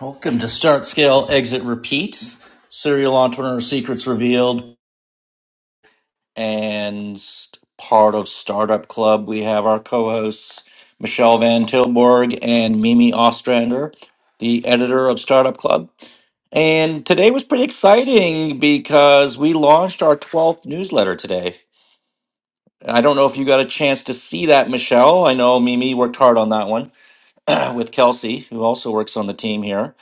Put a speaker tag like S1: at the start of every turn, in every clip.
S1: Welcome to Start Scale Exit Repeat, Serial Entrepreneur Secrets Revealed, and part of Startup Club. We have our co hosts, Michelle Van Tilburg and Mimi Ostrander, the editor of Startup Club. And today was pretty exciting because we launched our 12th newsletter today. I don't know if you got a chance to see that, Michelle. I know Mimi worked hard on that one. with Kelsey, who also works on the team here,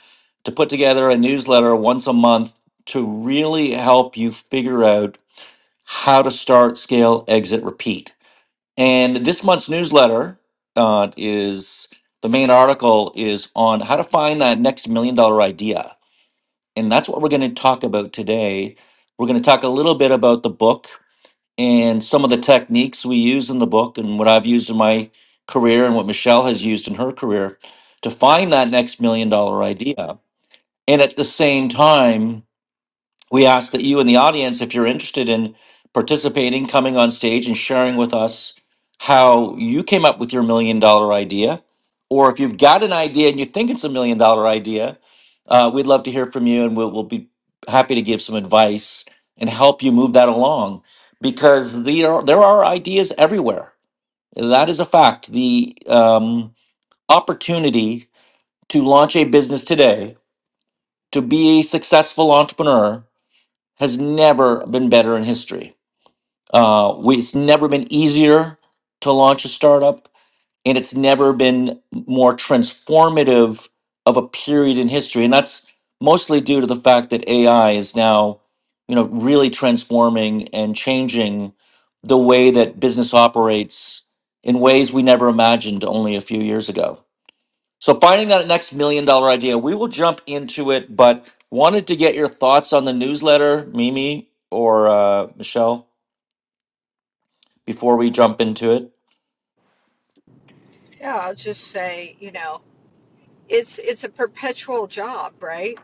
S1: to put together a newsletter once a month to really help you figure out how to start, scale, exit, repeat. And this month's newsletter uh, is the main article is on how to find that next million dollar idea. And that's what we're going to talk about today. We're going to talk a little bit about the book and some of the techniques we use in the book and what I've used in my career and what Michelle has used in her career to find that next million dollar idea. And at the same time, we ask that you in the audience, if you're interested in participating, coming on stage and sharing with us how you came up with your million dollar idea, or if you've got an idea and you think it's a million dollar idea, uh, we'd love to hear from you and we'll, we'll be happy to give some advice and help you move that along because there are, there are ideas everywhere. That is a fact. The um, opportunity to launch a business today, to be a successful entrepreneur, has never been better in history. Uh, we, it's never been easier to launch a startup, and it's never been more transformative of a period in history. And that's mostly due to the fact that AI is now, you know, really transforming and changing the way that business operates in ways we never imagined only a few years ago. So finding that next million dollar idea, we will jump into it, but wanted to get your thoughts on the newsletter, Mimi or uh, Michelle, before we jump into it.
S2: Yeah, I'll just say, you know, it's it's a perpetual job, right?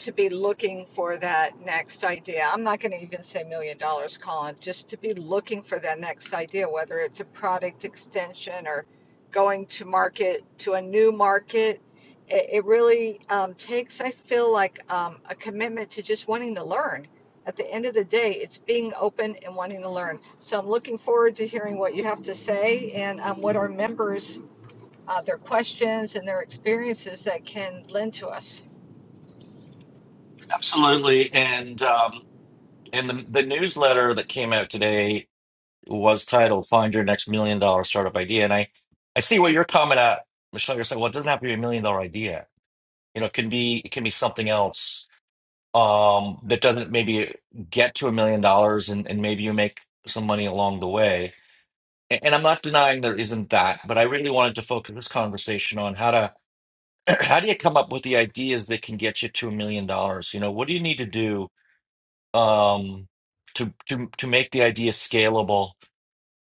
S2: To be looking for that next idea. I'm not going to even say million dollars, Colin, just to be looking for that next idea, whether it's a product extension or going to market to a new market. It, it really um, takes, I feel like, um, a commitment to just wanting to learn. At the end of the day, it's being open and wanting to learn. So I'm looking forward to hearing what you have to say and um, what our members uh, their questions and their experiences that can lend to us.
S1: Absolutely. And um, and the, the newsletter that came out today was titled Find Your Next Million Dollar Startup Idea. And I, I see what you're coming at, Michelle. You're saying, well, it doesn't have to be a million dollar idea. You know, it can be it can be something else um, that doesn't maybe get to a million dollars and, and maybe you make some money along the way A- And I'm not denying there isn't that, but I really wanted to focus this conversation on how to how do you come up with the ideas that can get you to a million dollars? You know, what do you need to do um, to to to make the idea scalable,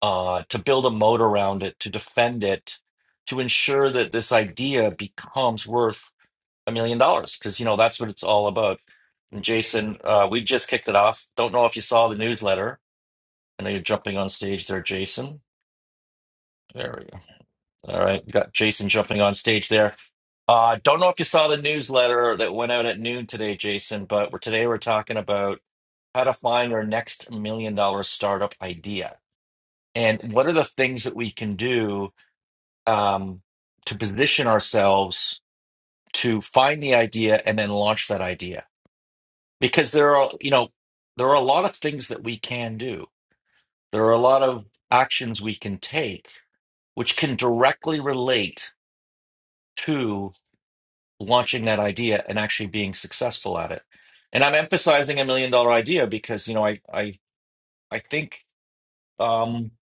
S1: uh, to build a moat around it, to defend it, to ensure that this idea becomes worth a million dollars? Because you know that's what it's all about. And Jason, uh, we just kicked it off. Don't know if you saw the newsletter. I know you're jumping on stage there, Jason. There we go. All right, got Jason jumping on stage there. Uh, don't know if you saw the newsletter that went out at noon today, Jason, but we're, today we're talking about how to find your next million dollar startup idea and what are the things that we can do um, to position ourselves to find the idea and then launch that idea. Because there are, you know, there are a lot of things that we can do. There are a lot of actions we can take, which can directly relate to launching that idea and actually being successful at it. And I'm emphasizing a million dollar idea because, you know, I I I think um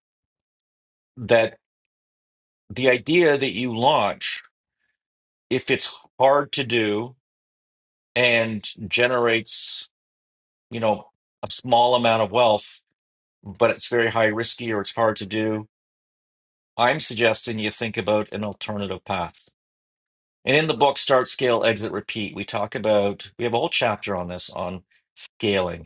S1: that the idea that you launch, if it's hard to do and generates, you know, a small amount of wealth, but it's very high risky or it's hard to do, I'm suggesting you think about an alternative path. And in the book Start Scale Exit Repeat, we talk about we have a whole chapter on this on scaling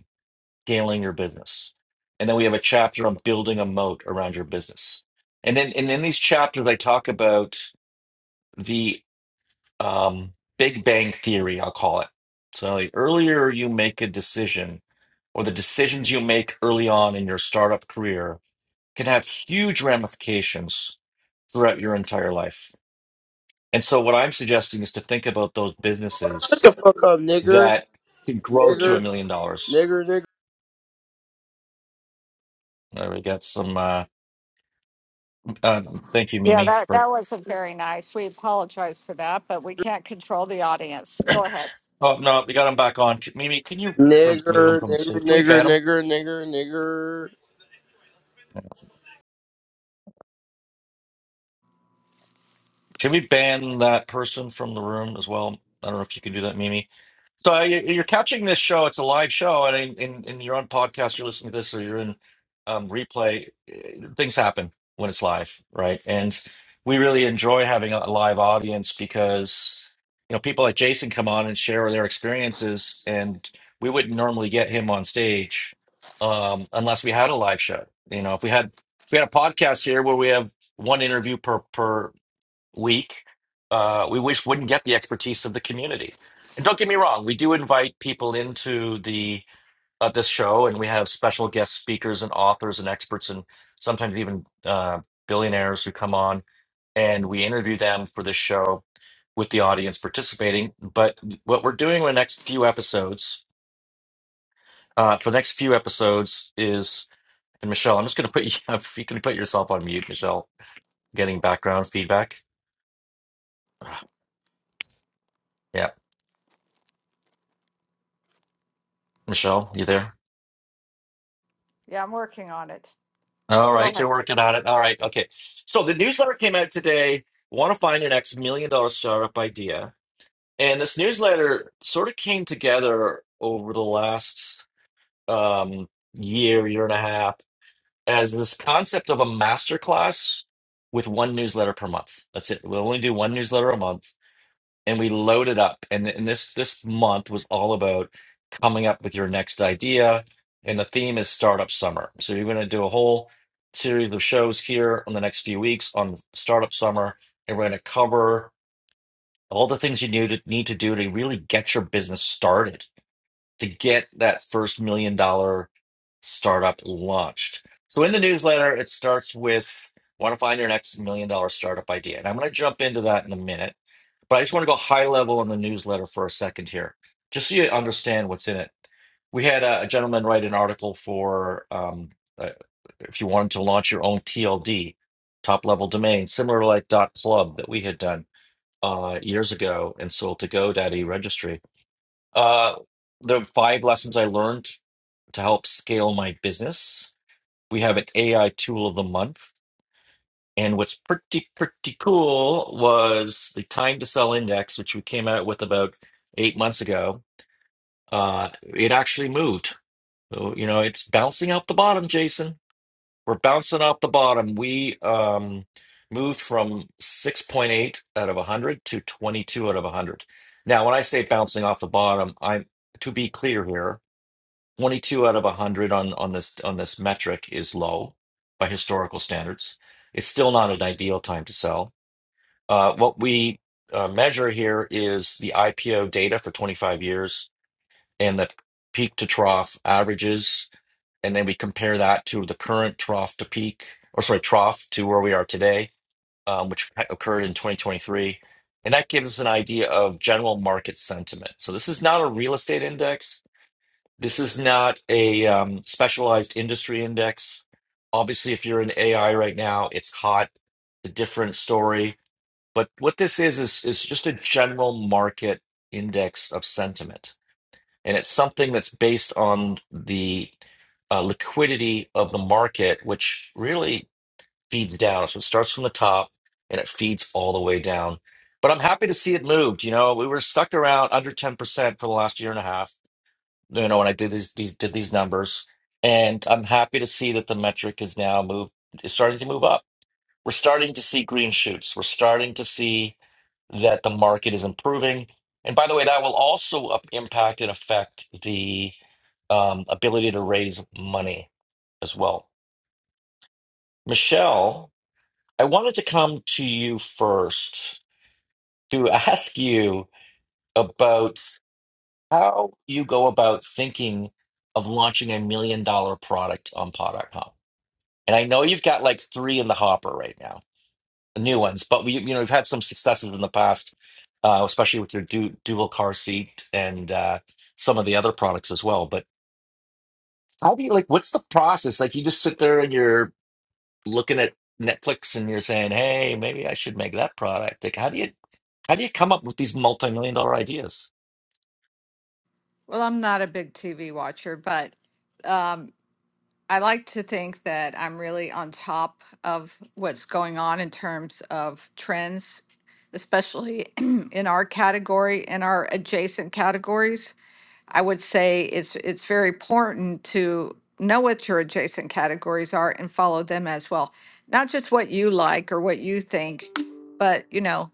S1: scaling your business. And then we have a chapter on building a moat around your business. And then and in these chapters, I talk about the um, Big Bang Theory, I'll call it. So the earlier you make a decision, or the decisions you make early on in your startup career can have huge ramifications throughout your entire life. And so what I'm suggesting is to think about those
S3: Shut
S1: businesses
S3: the fuck up, nigger.
S1: that can grow to a
S3: Nigger.
S1: million dollars.
S3: Nigger, nigger.
S1: There we got some uh, uh, thank you,
S2: Yeah,
S1: Mimi,
S2: that
S1: for
S2: that was a very nice.
S1: Oh no, we got him back on. C- Mimi, can you remove him
S3: Nigger,
S1: from the
S3: nigger,
S1: stage? Can we
S3: nigger,
S1: ban him?
S3: nigger, nigger, nigger.
S1: Can we ban that person from the room as well? I don't know if you can do that, Mimi. So uh, you- you're catching this show. It's a live show, and in, in, in your own podcast, you're listening to this, or you're in um, replay. uh, Things happen when it's live, right? And we really enjoy having a live audience because you know people like Jason come on and share their experiences, and we wouldn't normally get him on stage um, unless we had a live show. You know, if we had if we had a podcast here where we have one interview per per week uh, we wish wouldn't get the expertise of the community. And don't get me wrong, we do invite people into the uh, this show, and we have special guest speakers and authors and experts, and sometimes even uh, billionaires who come on, and we interview them for this show with the audience participating. But what we're doing in the next few episodes, uh, for the next few episodes, is and Michelle, I'm just going to put you. If you can put yourself on mute, Michelle, getting background feedback. Yeah, Michelle, you there?
S2: Yeah, I'm working on it.
S1: All
S2: Go
S1: right,
S2: ahead.
S1: you're working on it. All right, okay. So the newsletter came out today. Want to find your next million dollar startup idea? And this newsletter sort of came together over the last um, year, year and a half, as this concept of a masterclass with one newsletter per month. That's it. We'll only do one newsletter a month and we load it up. And, and this this month was all about coming up with your next idea. And the theme is startup summer. So you're going to do a whole series of shows here on the next few weeks on startup summer, and we're going to cover all the things you need to need to do to really get your business started, to get that first million dollar startup launched. So in the newsletter, it starts with want to find your next million dollar startup idea, and I'm going to jump into that in a minute but I just want to go high level on the newsletter for a second here, just so you understand what's in it. We had a, a gentleman write an article for um, uh, if you wanted to launch your own TLD, top level domain, similar to like dot .club that we had done uh, years ago and sold to GoDaddy registry. Uh, the five lessons I learned to help scale my business. We have an AI tool of the month and what's pretty, pretty cool was the time to sell index, which we came out with about eight months ago. Uh, it actually moved. So, you know, it's bouncing out the bottom, Jason. We're bouncing out the bottom. We um, moved from 6.8 out of 100 to 22 out of 100. Now, when I say bouncing off the bottom, I'm to be clear here, 22 out of 100 on, on this on this metric is low by historical standards. It's still not an ideal time to sell uh, what we uh, measure here is the IPO data for 25 years and the peak to trough averages. And then we compare that to the current trough to peak, or sorry, trough to where we are today, um, which occurred in 2023. And that gives us an idea of general market sentiment. So this is not a real estate index. This is not a um, specialized industry index. Obviously, if you're in AI right now, it's hot. It's a different story but what this is is is just a general market index of sentiment, and it's something that's based on the uh, liquidity of the market, which really feeds down. So it starts from the top and it feeds all the way down. But I'm happy to see it moved. You know, we were stuck around under 10% for the last year and a half. You know, when I did these, these did these numbers, and I'm happy to see that the metric is now moved is starting to move up. We're starting to see green shoots. We're starting to see that the market is improving. And by the way, that will also up- impact and affect the um, ability to raise money as well. Michelle, I wanted to come to you first to ask you about how you go about thinking of launching a million dollar product on pod.com. And I know you've got like three in the hopper right now new ones. But we, you know, we've had some successes in the past, uh, especially with your du dual car seat and uh, some of the other products as well. But how do you like? What's the process? Like, you just sit there and you're looking at Netflix and you're saying, "Hey, maybe I should make that product." Like, how do you how do you come up with these multi-million dollar ideas?
S2: Well, I'm not a big TV watcher, but um, I like to think that I'm really on top of what's going on in terms of trends, especially in our category, in our adjacent categories. I would say it's it's very important to know what your adjacent categories are and follow them as well. Not just what you like or what you think, but you know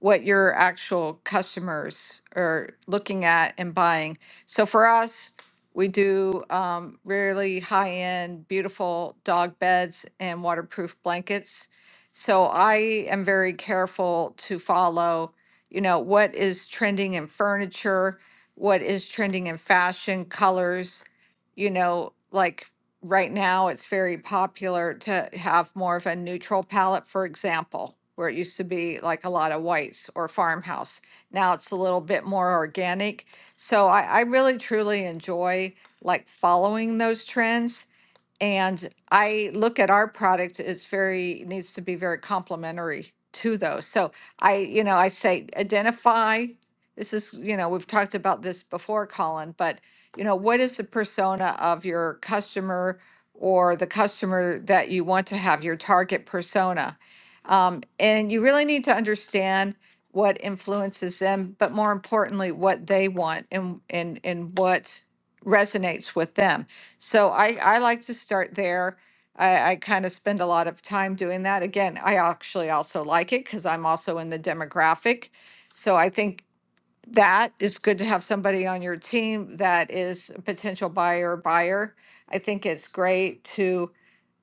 S2: what your actual customers are looking at and buying. So for us, we do um, really high end, beautiful dog beds and waterproof blankets. So I am very careful to follow, you know, what is trending in furniture what is trending in fashion, colors, you know, like right now it's very popular to have more of a neutral palette, for example, where it used to be like a lot of whites or farmhouse. Now it's a little bit more organic. So I, I really truly enjoy like following those trends and I look at our product as very, needs to be very complementary to those. So I, you know, I say identify, this is, you know, we've talked about this before, Colin, but, you know, what is the persona of your customer or the customer that you want to have, your target persona? Um, and you really need to understand what influences them, but more importantly, what they want and, and, and what resonates with them so I, I like to start there. I, I kind of spend a lot of time doing that. Again, I actually also like it because I'm also in the demographic. So I think that is good to have somebody on your team that is a potential buyer, buyer. I think it's great to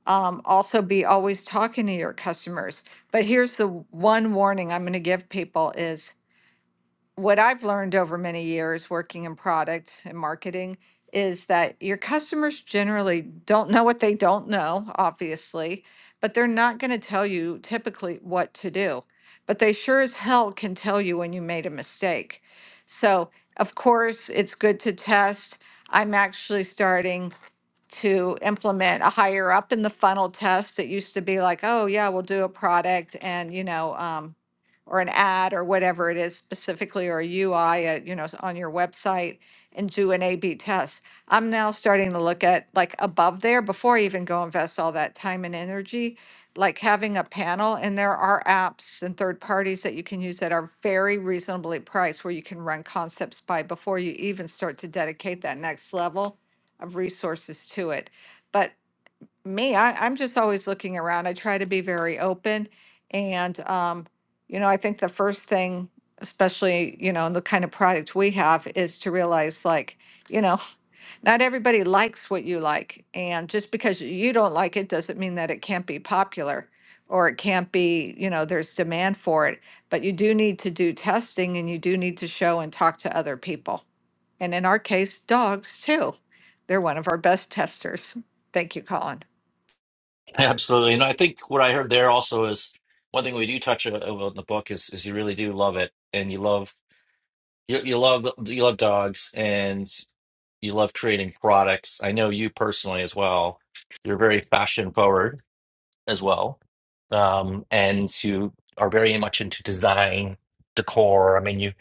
S2: um, also be always talking to your customers. But here's the one warning I'm going to give people is what I've learned over many years working in product and marketing is that your customers generally don't know what they don't know, obviously, but they're not going to tell you typically what to do. But they sure as hell can tell you when you made a mistake. So, of course, it's good to test. I'm actually starting to implement a higher up in the funnel test. It used to be like, oh, yeah, we'll do a product and, you know, um, or an ad or whatever it is specifically, or a UI, uh, you know, on your website and do an A B test. I'm now starting to look at like above there before I even go invest all that time and energy, like having a panel. And there are apps and third parties that you can use that are very reasonably priced where you can run concepts by before you even start to dedicate that next level of resources to it. But me, I, I'm just always looking around. I try to be very open. And, um, you know, I think the first thing, especially, you know, in the kind of product we have, is to realize like, you know, not everybody likes what you like. And just because you don't like it doesn't mean that it can't be popular or it can't be, you know, there's demand for it. But you do need to do testing and you do need to show and talk to other people. And in our case, dogs too. They're one of our best testers. Thank you, Colin.
S1: Absolutely, and I think what I heard there also is one thing we do touch a- a- on in the book is is you really do love it and you love you, you love you love dogs and you love creating products. I know you personally as well. You're very fashion forward as well, um, and you are very much into design, decor. I mean, you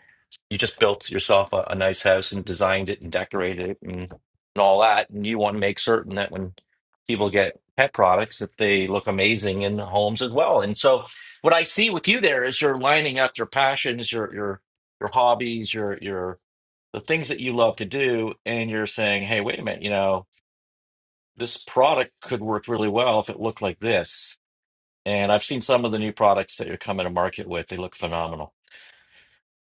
S1: you just built yourself a, a nice house and designed it and decorated it and, and all that. And you want to make certain that when people get pet products, that they look amazing in homes as well. And so, what I see with you there is you're lining up your passions, your your your hobbies, your your the things that you love to do and you're saying hey wait a minute you know this product could work really well if it looked like this and i've seen some of the new products that you're coming to market with they look phenomenal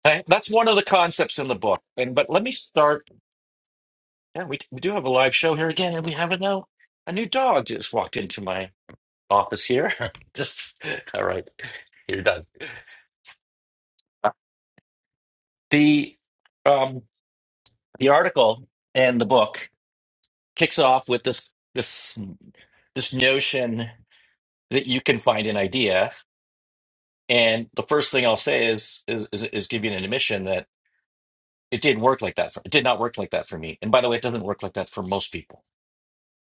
S1: Hey, that's one of the concepts in the book and but let me start yeah we, we do have a live show here again and we have a no a new dog just walked into my office here just all right you're done Uh, the um the article and the book kicks off with this this this notion that you can find an idea. And the first thing I'll say is is is, is give you an admission that it didn't work like that. For, it did not work like that for me. And by the way, it doesn't work like that for most people.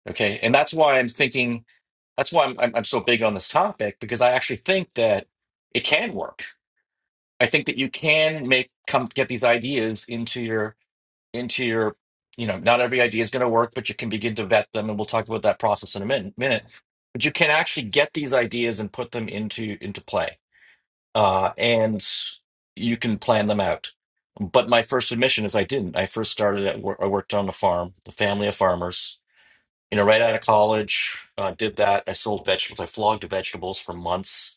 S1: Okay, and that's why I'm thinking. That's why I'm I'm, I'm so big on this topic because I actually think that it can work. I think that you can make come get these ideas into your into your you know not every idea is going to work but you can begin to vet them and we'll talk about that process in a min- minute but you can actually get these ideas and put them into into play uh, and you can plan them out. But my first submission is I didn't. I first started at work. I worked on a farm, a family of farmers. You know, right out of college, uh, did that. I sold vegetables. I flogged vegetables for months.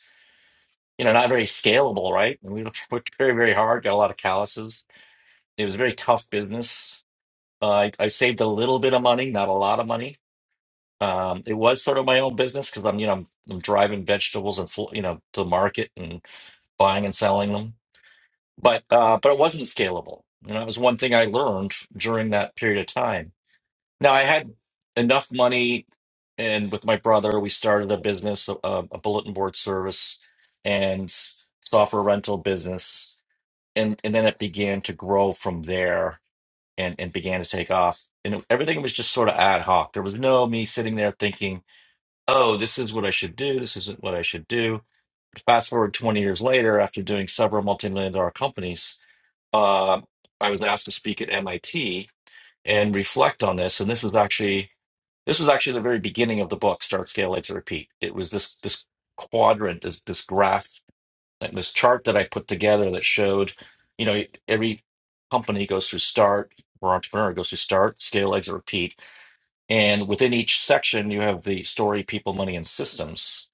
S1: You know, not very scalable, right? And we worked very, very hard. Got a lot of calluses. It was a very tough business. Uh, I, I saved a little bit of money, not a lot of money. Um, it was sort of my own business because I'm, you know, I'm, I'm driving vegetables and fl- you know to the market and buying and selling them but uh, but it wasn't scalable. And that was one thing I learned during that period of time. Now I had enough money, and with my brother, we started a business, a, a bulletin board service, and software rental business, and and then it began to grow from there, and and began to take off. And it- everything was just sort of ad hoc. There was no me sitting there thinking, "Oh, this is what I should do. This isn't what I should do." Fast forward 20 years later, after doing several multi-million dollar companies, uh, I was asked to speak at MIT and reflect on this. And this is actually this was actually the very beginning of the book, Start, Scale, Exit, Repeat. It was this this quadrant, this this graph, like this chart that I put together that showed, you know, every company goes through start or entrepreneur goes through start, scale, exit, repeat. And within each section, you have the story, people, money, and systems.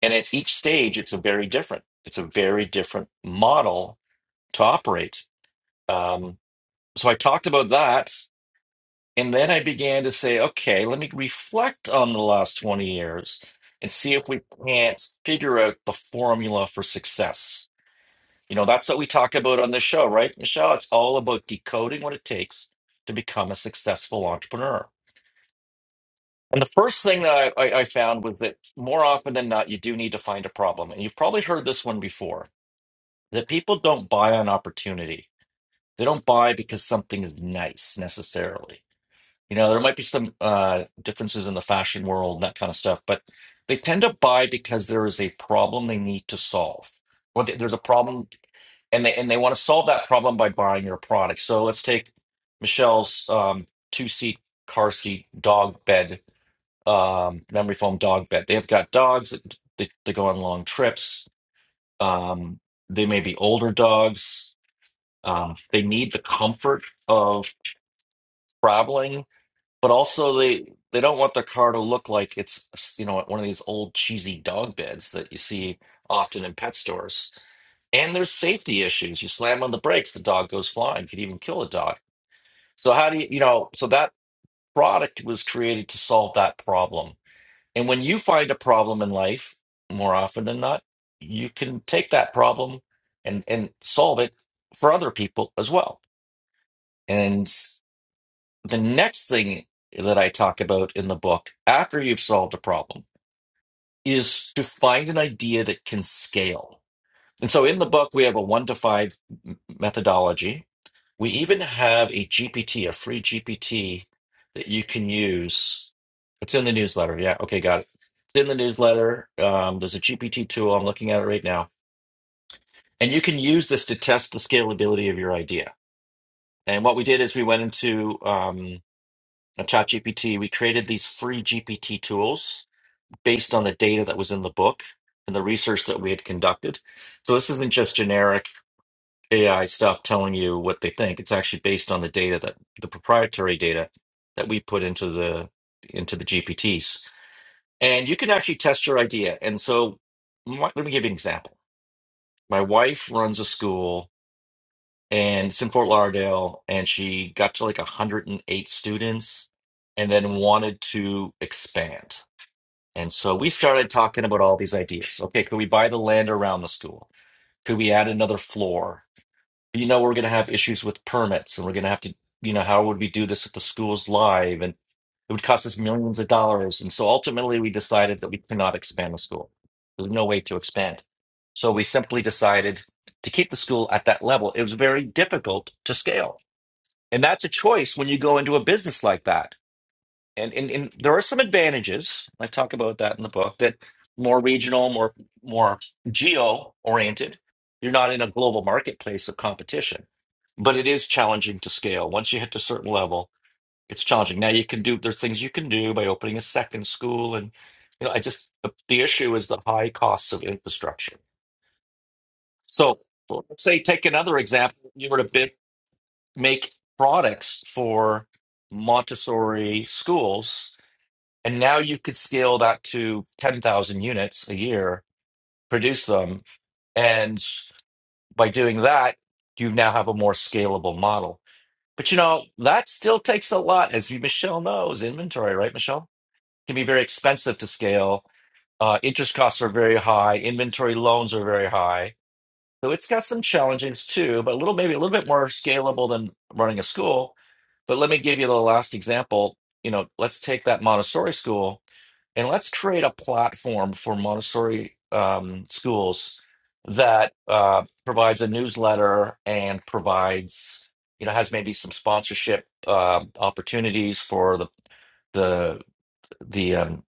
S1: And at each stage, it's a very different, it's a very different model to operate. Um, so I talked about that. And then I began to say, okay, let me reflect on the last 20 years and see if we can't figure out the formula for success. You know, that's what we talk about on this show, right, Michelle? It's all about decoding what it takes to become a successful entrepreneur. And the first thing that I, I, I found was that more often than not, you do need to find a problem. And you've probably heard this one before that people don't buy on opportunity. They don't buy because something is nice necessarily You know, there might be some uh, differences in the fashion world and that kind of stuff, but they tend to buy because there is a problem they need to solve. or th- there's a problem, and they and they want to solve that problem by buying your product. So let's take Michelle's um, two-seat car seat dog bed, um, memory foam dog bed. They've got dogs that they, they go on long trips. Um, they may be older dogs. Um, they need the comfort of traveling but also, they they don't want their car to look like it's you know one of these old cheesy dog beds that you see often in pet stores. And there's safety issues. You slam on the brakes, the dog goes flying. Could even kill a dog. So how do you you know? So that product was created to solve that problem. And when you find a problem in life, more often than not, you can take that problem and and solve it for other people as well. And The next thing that I talk about in the book after you've solved a problem is to find an idea that can scale. And so in the book, we have a one to five m- methodology. We even have a GPT, a free GPT that you can use. It's in the newsletter. Yeah. Okay. Got it. It's in the newsletter. Um, there's a GPT tool. I'm looking at it right now. And you can use this to test the scalability of your idea. And what we did is we went into um, on ChatGPT, we created these free GPT tools based on the data that was in the book and the research that we had conducted. So this isn't just generic AI stuff telling you what they think. It's actually based on the data that the proprietary data that we put into the into the GPTs. And you can actually test your idea. And so my- let me give you an example. My wife runs a school and it's in Fort Lauderdale and she got to like 108 students and then wanted to expand. And so we started talking about all these ideas. Okay, could we buy the land around the school? Could we add another floor? You know, we're going to have issues with permits and we're going to have to, you know, how would we do this if the school's live? And it would cost us millions of dollars. And so ultimately we decided that we could not expand the school. There's no way to expand. So we simply decided to keep the school at that level. It was very difficult to scale. And that's a choice when you go into a business like that and, and and there are some advantages. I talk about that in the book that more regional, more more geo oriented. You're not in a global marketplace of competition, but it is challenging to scale. Once you hit a certain level, it's challenging. Now you can do there's things you can do by opening a second school, and you know I just the, the issue is the high costs of infrastructure. So let's say take another example. You were to bit, make products for Montessori schools and now you could scale that to 10,000 units a year, produce them. And by doing that, you now have a more scalable model. But you know, that still takes a lot, as you- Michelle knows, inventory, right, Michelle? Can be very expensive to scale. Uh, interest costs are very high. Inventory loans are very high. So it's got some challenges too, but a little, maybe a little bit more scalable than running a school. But let me give you the last example. You know, let's take that Montessori school and let's create a platform for Montessori um, schools that uh, provides a newsletter and provides, you know, has maybe some sponsorship uh, opportunities for the the the um,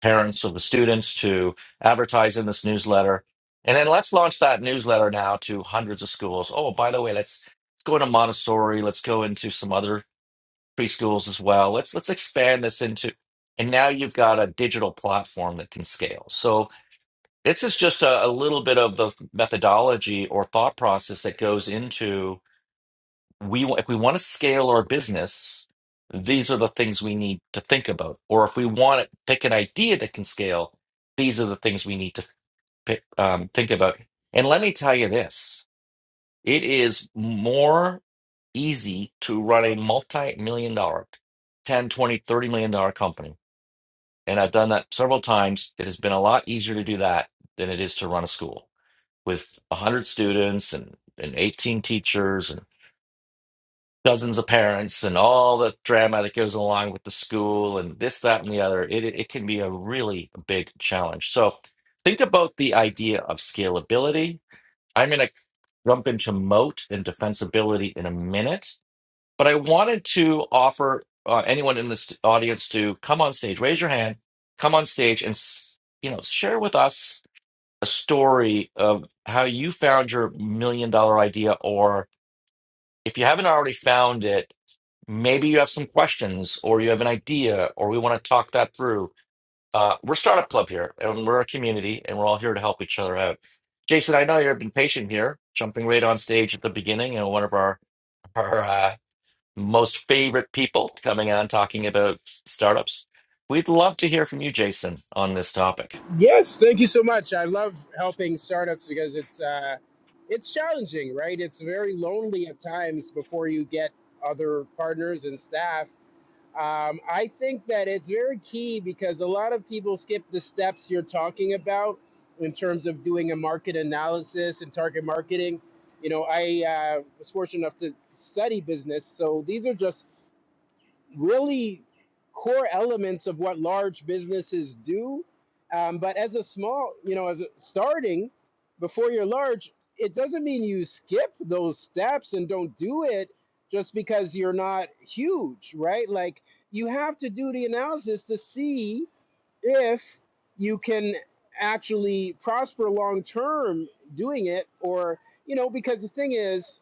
S1: parents of the students to advertise in this newsletter, and then let's launch that newsletter now to hundreds of schools. Oh, by the way, let's. Let's go into Montessori. Let's go into some other preschools as well. Let's let's expand this into and now you've got a digital platform that can scale. So this is just a, a little bit of the methodology or thought process that goes into we if we want to scale our business, these are the things we need to think about. Or if we want to pick an idea that can scale, these are the things we need to pick, um, think about. And let me tell you this. It is more easy to run a multi-million dollar, ten, twenty, thirty million dollar company. And I've done that several times. It has been a lot easier to do that than it is to run a school with 100 students and, and 18 teachers and dozens of parents and all the drama that goes along with the school and this, that, and the other. It, it can be a really big challenge. So think about the idea of scalability I'm going to jump into moat and defensibility in a minute, but I wanted to offer uh, anyone in this audience to come on stage, raise your hand, come on stage, and s- you know share with us a story of how you found your million dollar idea, or if you haven't already found it, maybe you have some questions, or you have an idea, or we want to talk that through uh, we're Startup Club here, and we're a community, and we're all here to help each other out. Jason, I know you've been patient here, jumping right on stage at the beginning, and one of our our uh, most favorite people coming on talking about startups. We'd love to hear from you, Jason, on this topic.
S4: Yes, thank you so much. I love helping startups because it's uh, it's challenging, right? It's very lonely at times before you get other partners and staff. Um, I think that it's very key because a lot of people skip the steps you're talking about in terms of doing a market analysis and target marketing. You know, I uh, was fortunate enough to study business, so these are just really core elements of what large businesses do. Um, but as a small, you know, as a, starting before you're large, it doesn't mean you skip those steps and don't do it just because you're not huge, right? Like you have to do the analysis to see if you can actually prosper long term doing it or you know because the thing is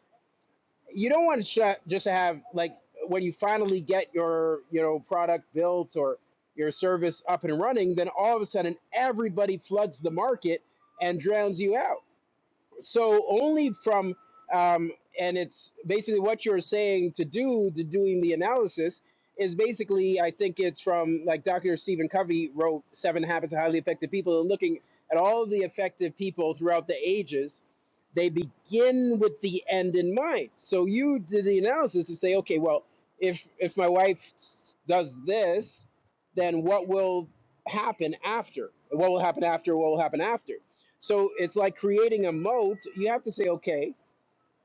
S4: you don't want to sh- just to have like when you finally get your you know product built or your service up and running then all of a sudden everybody floods the market and drowns you out so only from um, and it's basically what you're saying to do to doing the analysis is basically i think it's from like dr stephen covey wrote seven habits of highly effective people and looking at all the effective people throughout the ages they begin with the end in mind. So you do the analysis and say, okay, well, if if my wife does this, then what will happen after? What will happen after? What will happen after? So it's like creating a moat. You have to say, okay,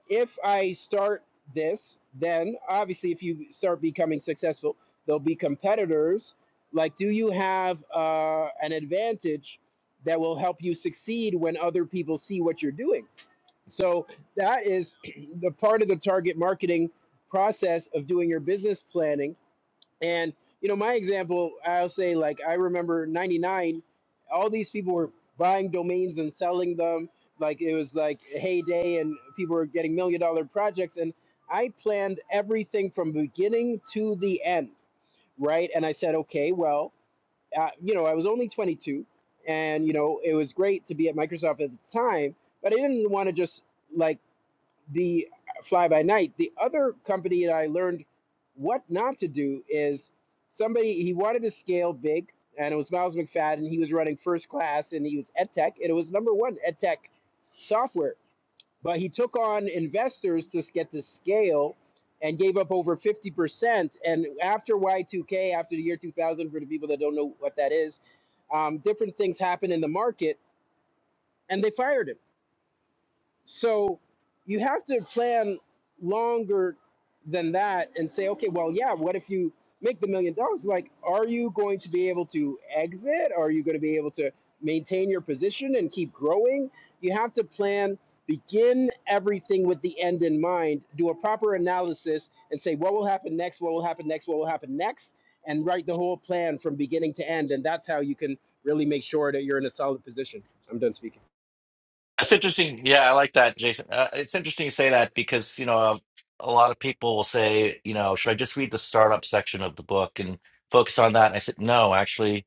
S4: if I start this, then obviously, if you start becoming successful, there'll be competitors. Like, do you have uh, an advantage that will help you succeed when other people see what you're doing? So that is the part of the target marketing process of doing your business planning. And you know, my example, I'll say like I remember '99, all these people were buying domains and selling them. Like it was like a heyday, and people were getting million dollar projects. And I planned everything from beginning to the end, right? And I said, okay, well, uh, you know, I was only 22, and you know, it was great to be at Microsoft at the time, but I didn't want to just like the fly by night. The other company that I learned what not to do is somebody he wanted to scale big, and it was Miles McFadden. He was running first class, and he was EdTech, and it was number one EdTech software. But he took on investors to get to scale, and gave up over fifty percent. And after Y two K, after the year two thousand, for the people that don't know what that is, um, different things happened in the market, and they fired him so you have to plan longer than that and say, okay, well, yeah, what if you make the million dollars? Like, are you going to be able to exit? Are you going to be able to maintain your position and keep growing? You have to plan, begin everything with the end in mind, do a proper analysis and say, what will happen next? What will happen next? What will happen next? And write the whole plan from beginning to end. And that's how you can really make sure that you're in a solid position. I'm done speaking.
S1: That's interesting. Yeah, I like that, Jason. Uh, it's interesting you say that because you know a, lot of people will say, you know, should I just read the startup section of the book and focus on that? And I said, no, actually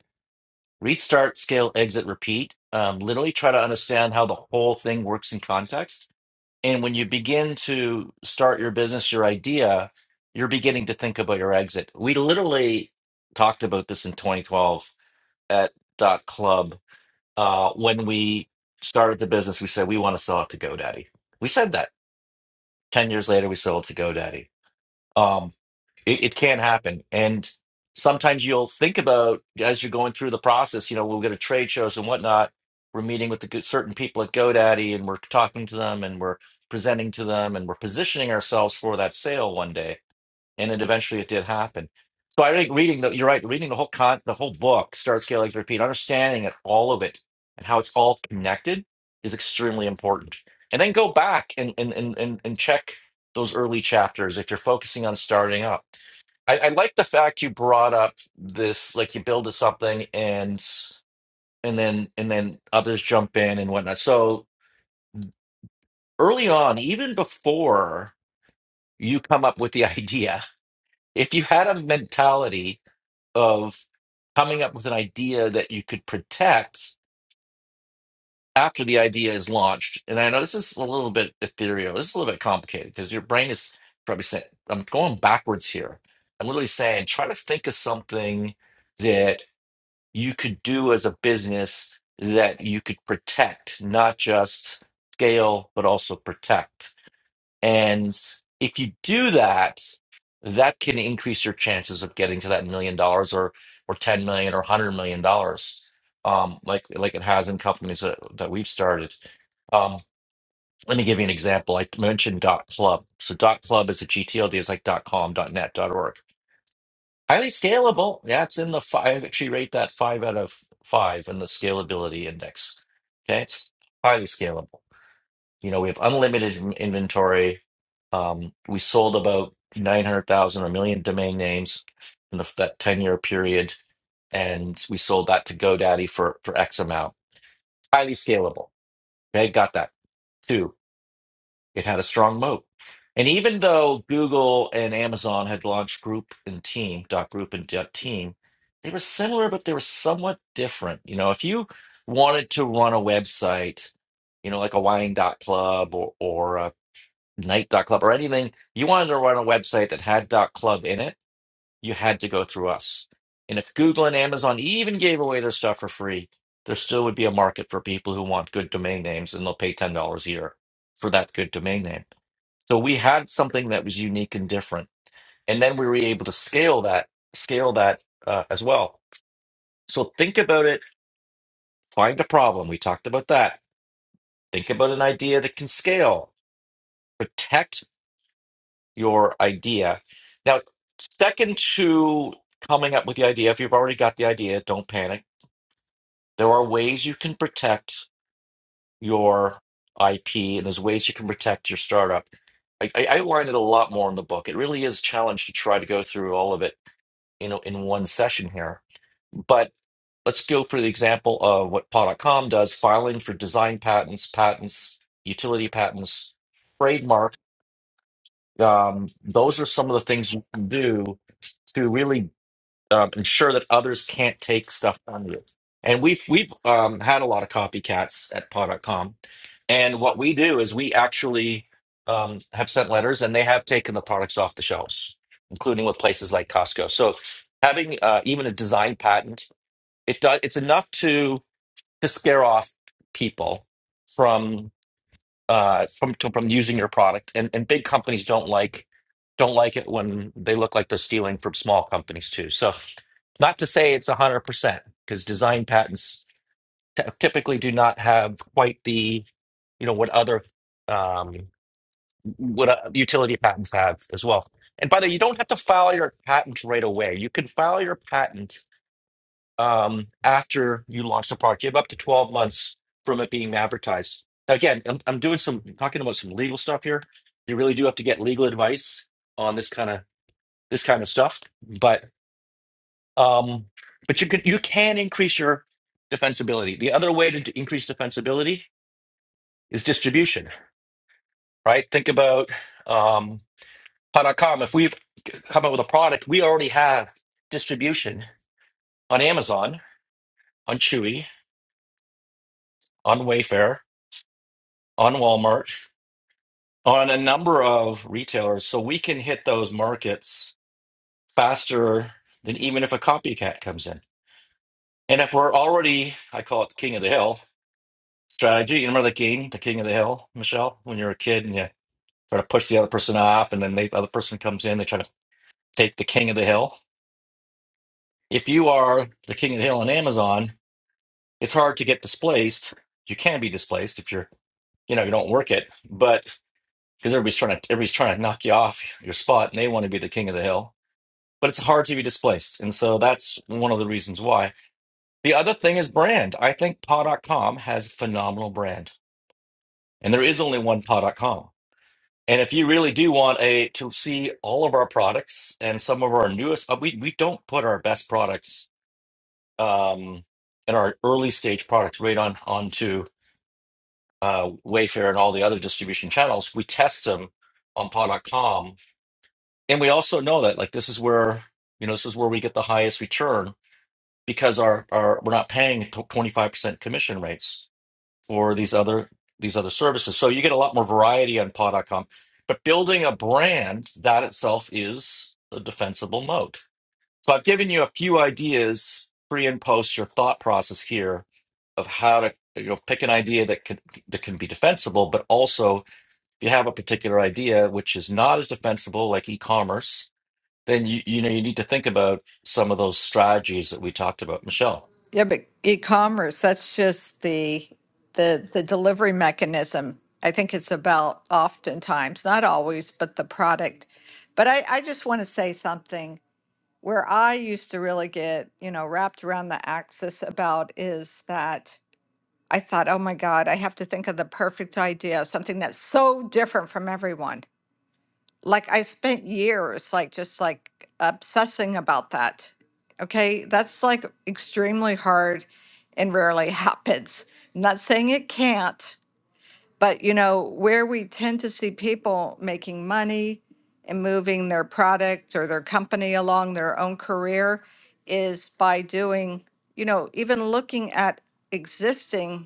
S1: Read, start, scale, exit, repeat. Um, literally try to understand how the whole thing works in context. And when you begin to start your business, your idea, you're beginning to think about your exit. We literally talked about this in 2012 at Dot Club. Uh, when we started the business, we said we want to sell it to GoDaddy. We said that. 10 years later, we sold it to GoDaddy. Um, it, it can happen. And sometimes you'll think about as you're going through the process, you know, we'll go to trade shows and whatnot. We're meeting with the good, certain people at GoDaddy and we're talking to them and we're presenting to them and we're positioning ourselves for that sale one day. And then eventually it did happen. So I think reading the, you're right, reading the whole con, the whole book, Start, Scale, Exit, Repeat, understanding it, all of it and how it's all connected is extremely important. And then go back and, and, and, and and check those early chapters if you're focusing on starting up I, I like the fact you brought up this, like you build to something and and then and then others jump in and whatnot. So early on, even before you come up with the idea, if you had a mentality of coming up with an idea that you could protect after the idea is launched, and I know this is a little bit ethereal, this is a little bit complicated because your brain is probably saying, I'm going backwards here. I'm literally saying, try to think of something. that. you could do as a business that you could protect, not just scale, but also protect. And if you do that, that can increase your chances of getting to that million dollars or or 10 million or 100 million dollars um like like it has in companies that, that we've started um let me give you an example i mentioned dot club so dot club is a gtld it's like dot com dot net dot org Highly scalable. Yeah, it's in the five. I actually rate that five out of five in the scalability index. Okay, it's highly scalable. You know, we have unlimited in- inventory. Um, we sold about 900,000 or a million domain names in the, that 10 year period, and we sold that to GoDaddy for, for X amount. Highly scalable. Okay, got that. Two. It had a strong moat. And even though Google and Amazon had launched Group and Team, dot group and dot team, they were similar, but they were somewhat different. You know, if you wanted to run a website, you know, like a wine dot club or, or a night dot club or anything, you wanted to run a website that had dot club in it, you had to go through us. And if Google and Amazon even gave away their stuff for free, there still would be a market for people who want good domain names and they'll pay $10 a year for that good domain name so we had something that was unique and different, and then we were able to scale that, scale that uh, as well. So think about it. Find a problem. We talked about that. Think about an idea that can scale. Protect your idea. Now, second to coming up with the idea, if you've already got the idea, don't panic. There are ways you can protect your IP, and there's ways you can protect your startup. I, I outlined it a lot more in the book. It really is a challenge to try to go through all of it you know in one session here. But let's go for the example of what Paw.com does: filing for design patents, patents, utility patents, trademark. Um, those are some of the things you can do to really um, ensure that others can't take stuff from you. And we've we've um, had a lot of copycats at paw dot com. And what we do is we actually um, have sent letters, and they have taken the products off the shelves, including with places like Costco. So having uh, even a design patent, it does it's enough to to scare off people from uh, from to, from using your product. And and big companies don't like don't like it when they look like they're stealing from small companies too. So, not to say it's hundred percent because design patents t- typically do not have quite the you know what other um, what uh, utility patents have as well. And by the way, you don't have to file your patent right away. You can file your patent um, after you launch the product. You have up to 12 months from it being advertised. Now, again, I'm, I'm doing some talking about some legal stuff here. You really do have to get legal advice on this kind of this kind of stuff, but um, but you can you can increase your defensibility. The other way to d- increase defensibility is distribution, right? Think about um, Pod.com. If we've come up with a product, we already have distribution on Amazon, on Chewy, on Wayfair, on Walmart, on a number of retailers so we can hit those markets faster than even if a copycat comes in. And if we're already, I call it the king of the hill strategy. You remember the game, the king of the hill, Michelle, when you are a kid and you try to push the other person off and then they, the other person comes in, they try to take the king of the hill. If you are the king of the hill on Amazon, it's hard to get displaced. You can be displaced if you're, you know, you don't work it, but because everybody's trying to, everybody's trying to knock you off your spot and they want to be the king of the hill but it's hard to be displaced. And so that's one of the reasons why. The other thing is brand. I think paw dot com has phenomenal brand. And there is only one paw dot com. And if you really do want a to see all of our products and some of our newest uh, we we don't put our best products um and our early stage products right on onto uh Wayfair and all the other distribution channels. We test them on paw dot com, And we also know that like this is where you know this is where we get the highest return because our, our we're not paying twenty five percent commission rates for these other these other services. So you get a lot more variety on paw dot com. But building a brand that itself is a defensible moat. So I've given you a few ideas pre and post your thought process here of how to you know pick an idea that could that can be defensible, but also if you have a particular idea which is not as defensible like e-commerce, then you you know you need to think about some of those strategies that we talked about. Michelle.
S2: Yeah, but e-commerce, that's just the the the delivery mechanism. I think it's about oftentimes, not always, but the product. But I, I just want to say something where I used to really get, you know, wrapped around the axis about is that I thought, oh my God, I have to think of the perfect idea, something that's so different from everyone. like I spent years like just like obsessing about that. Okay, that's like extremely hard and rarely happens. I'm not saying it can't, but you know, where we tend to see people making money and moving their product or their company along their own career is by doing, you know, even looking at existing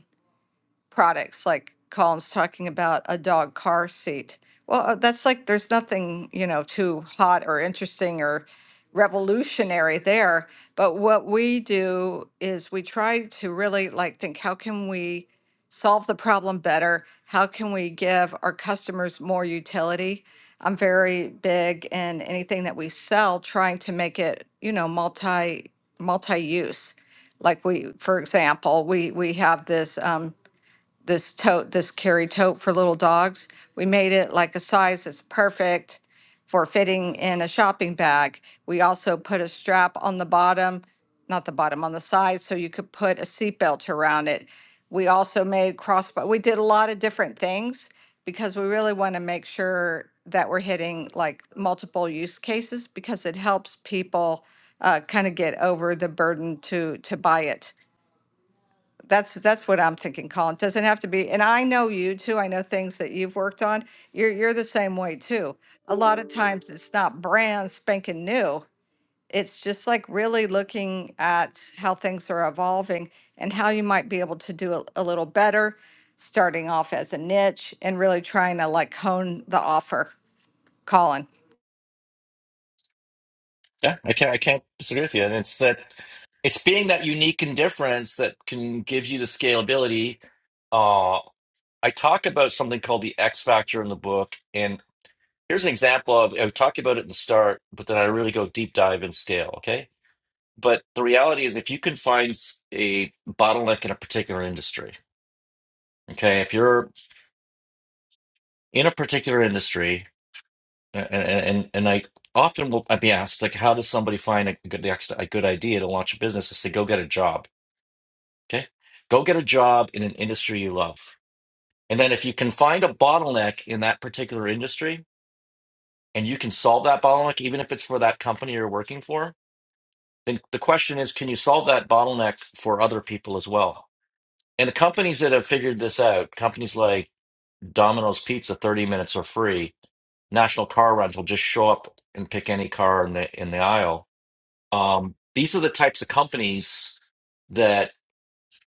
S2: products like Colin's talking about a dog car seat. Well, uh, that's like there's nothing, you know, too hot or interesting or revolutionary there. But what we do is we try to really like think how can we solve the problem better? How can we give our customers more utility? I'm very big in anything that we sell trying to make it, you know, multi multi use like we for example we we have this um, this tote, this carry tote for little dogs. We made it like a size that's perfect for fitting in a shopping bag. We also put a strap on the bottom, not the bottom, on the side, so you could put a seatbelt around it. We also made crossbar. We did a lot of different things because we really want to make sure that we're hitting like multiple use cases because it helps people uh, kind of get over the burden to to buy it. That's that's what I'm thinking, Colin. Doesn't have to be, and I know you too. I know things that you've worked on. You're you're the same way too. A lot of times it's not brand spanking new. It's just like really looking at how things are evolving and how you might be able to do a, a little better, starting off as a niche and really trying to like hone the offer, Colin.
S1: Yeah, I can't. I can't disagree with you. And it's that it's being that unique and difference that can give you the scalability. Uh, I talk about something called the X factor in the book, and here's an example of I talk about it in the start, but then I really go deep dive and scale. Okay, but the reality is, if you can find s- a bottleneck in a particular industry, okay, if you're in a particular industry, a- a- and and, and I often will I'd be asked like, how does somebody find a good the X- a good idea to launch a business? Is to go get a job Okay. Go get a job in an industry you love. And then if you can find a bottleneck in that particular industry and you can solve that bottleneck, even if it's for that company you're working for, then the question is, can you solve that bottleneck for other people as well? And the companies that have figured this out, companies like Domino's Pizza, 30 minutes are free. National Car Rental just show up and pick any car in the in the aisle. Um, these are the types of companies that.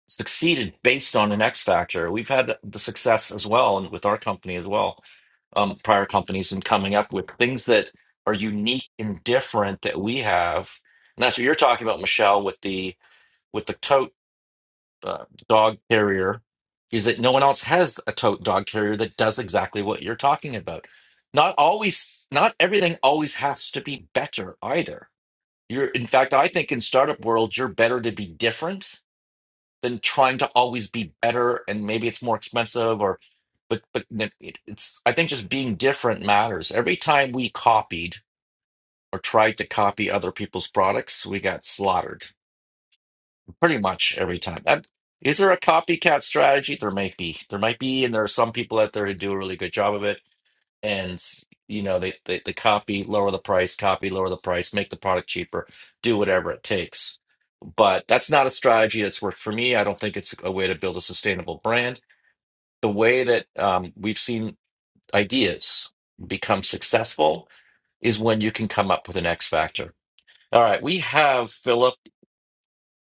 S1: succeeded based on an X factor. We've had the success as well, and with our company as well, um, prior companies, and coming up with things that are unique and different that we have. And that's what you're talking about, Michelle, with the with the tote uh, dog carrier. Is that no one else has a tote dog carrier that does exactly what you're talking about? Not always, not everything always has to be better either. You're, in fact, I think in startup world, you're better to be different than trying to always be better and maybe it's more expensive or but but it, it's I think just being different matters. Every time we copied or tried to copy other people's products, we got slaughtered pretty much every time. And is there a copycat strategy? There might be. There might be, and there are some people out there who do a really good job of it. And you know, they, they they copy, lower the price, copy, lower the price, make the product cheaper, do whatever it takes. But that's not a strategy that's worked for me. I don't think it's a way to build a sustainable brand. the way that um, we've seen ideas become successful is when you can come up with an X factor. All right, we have Philip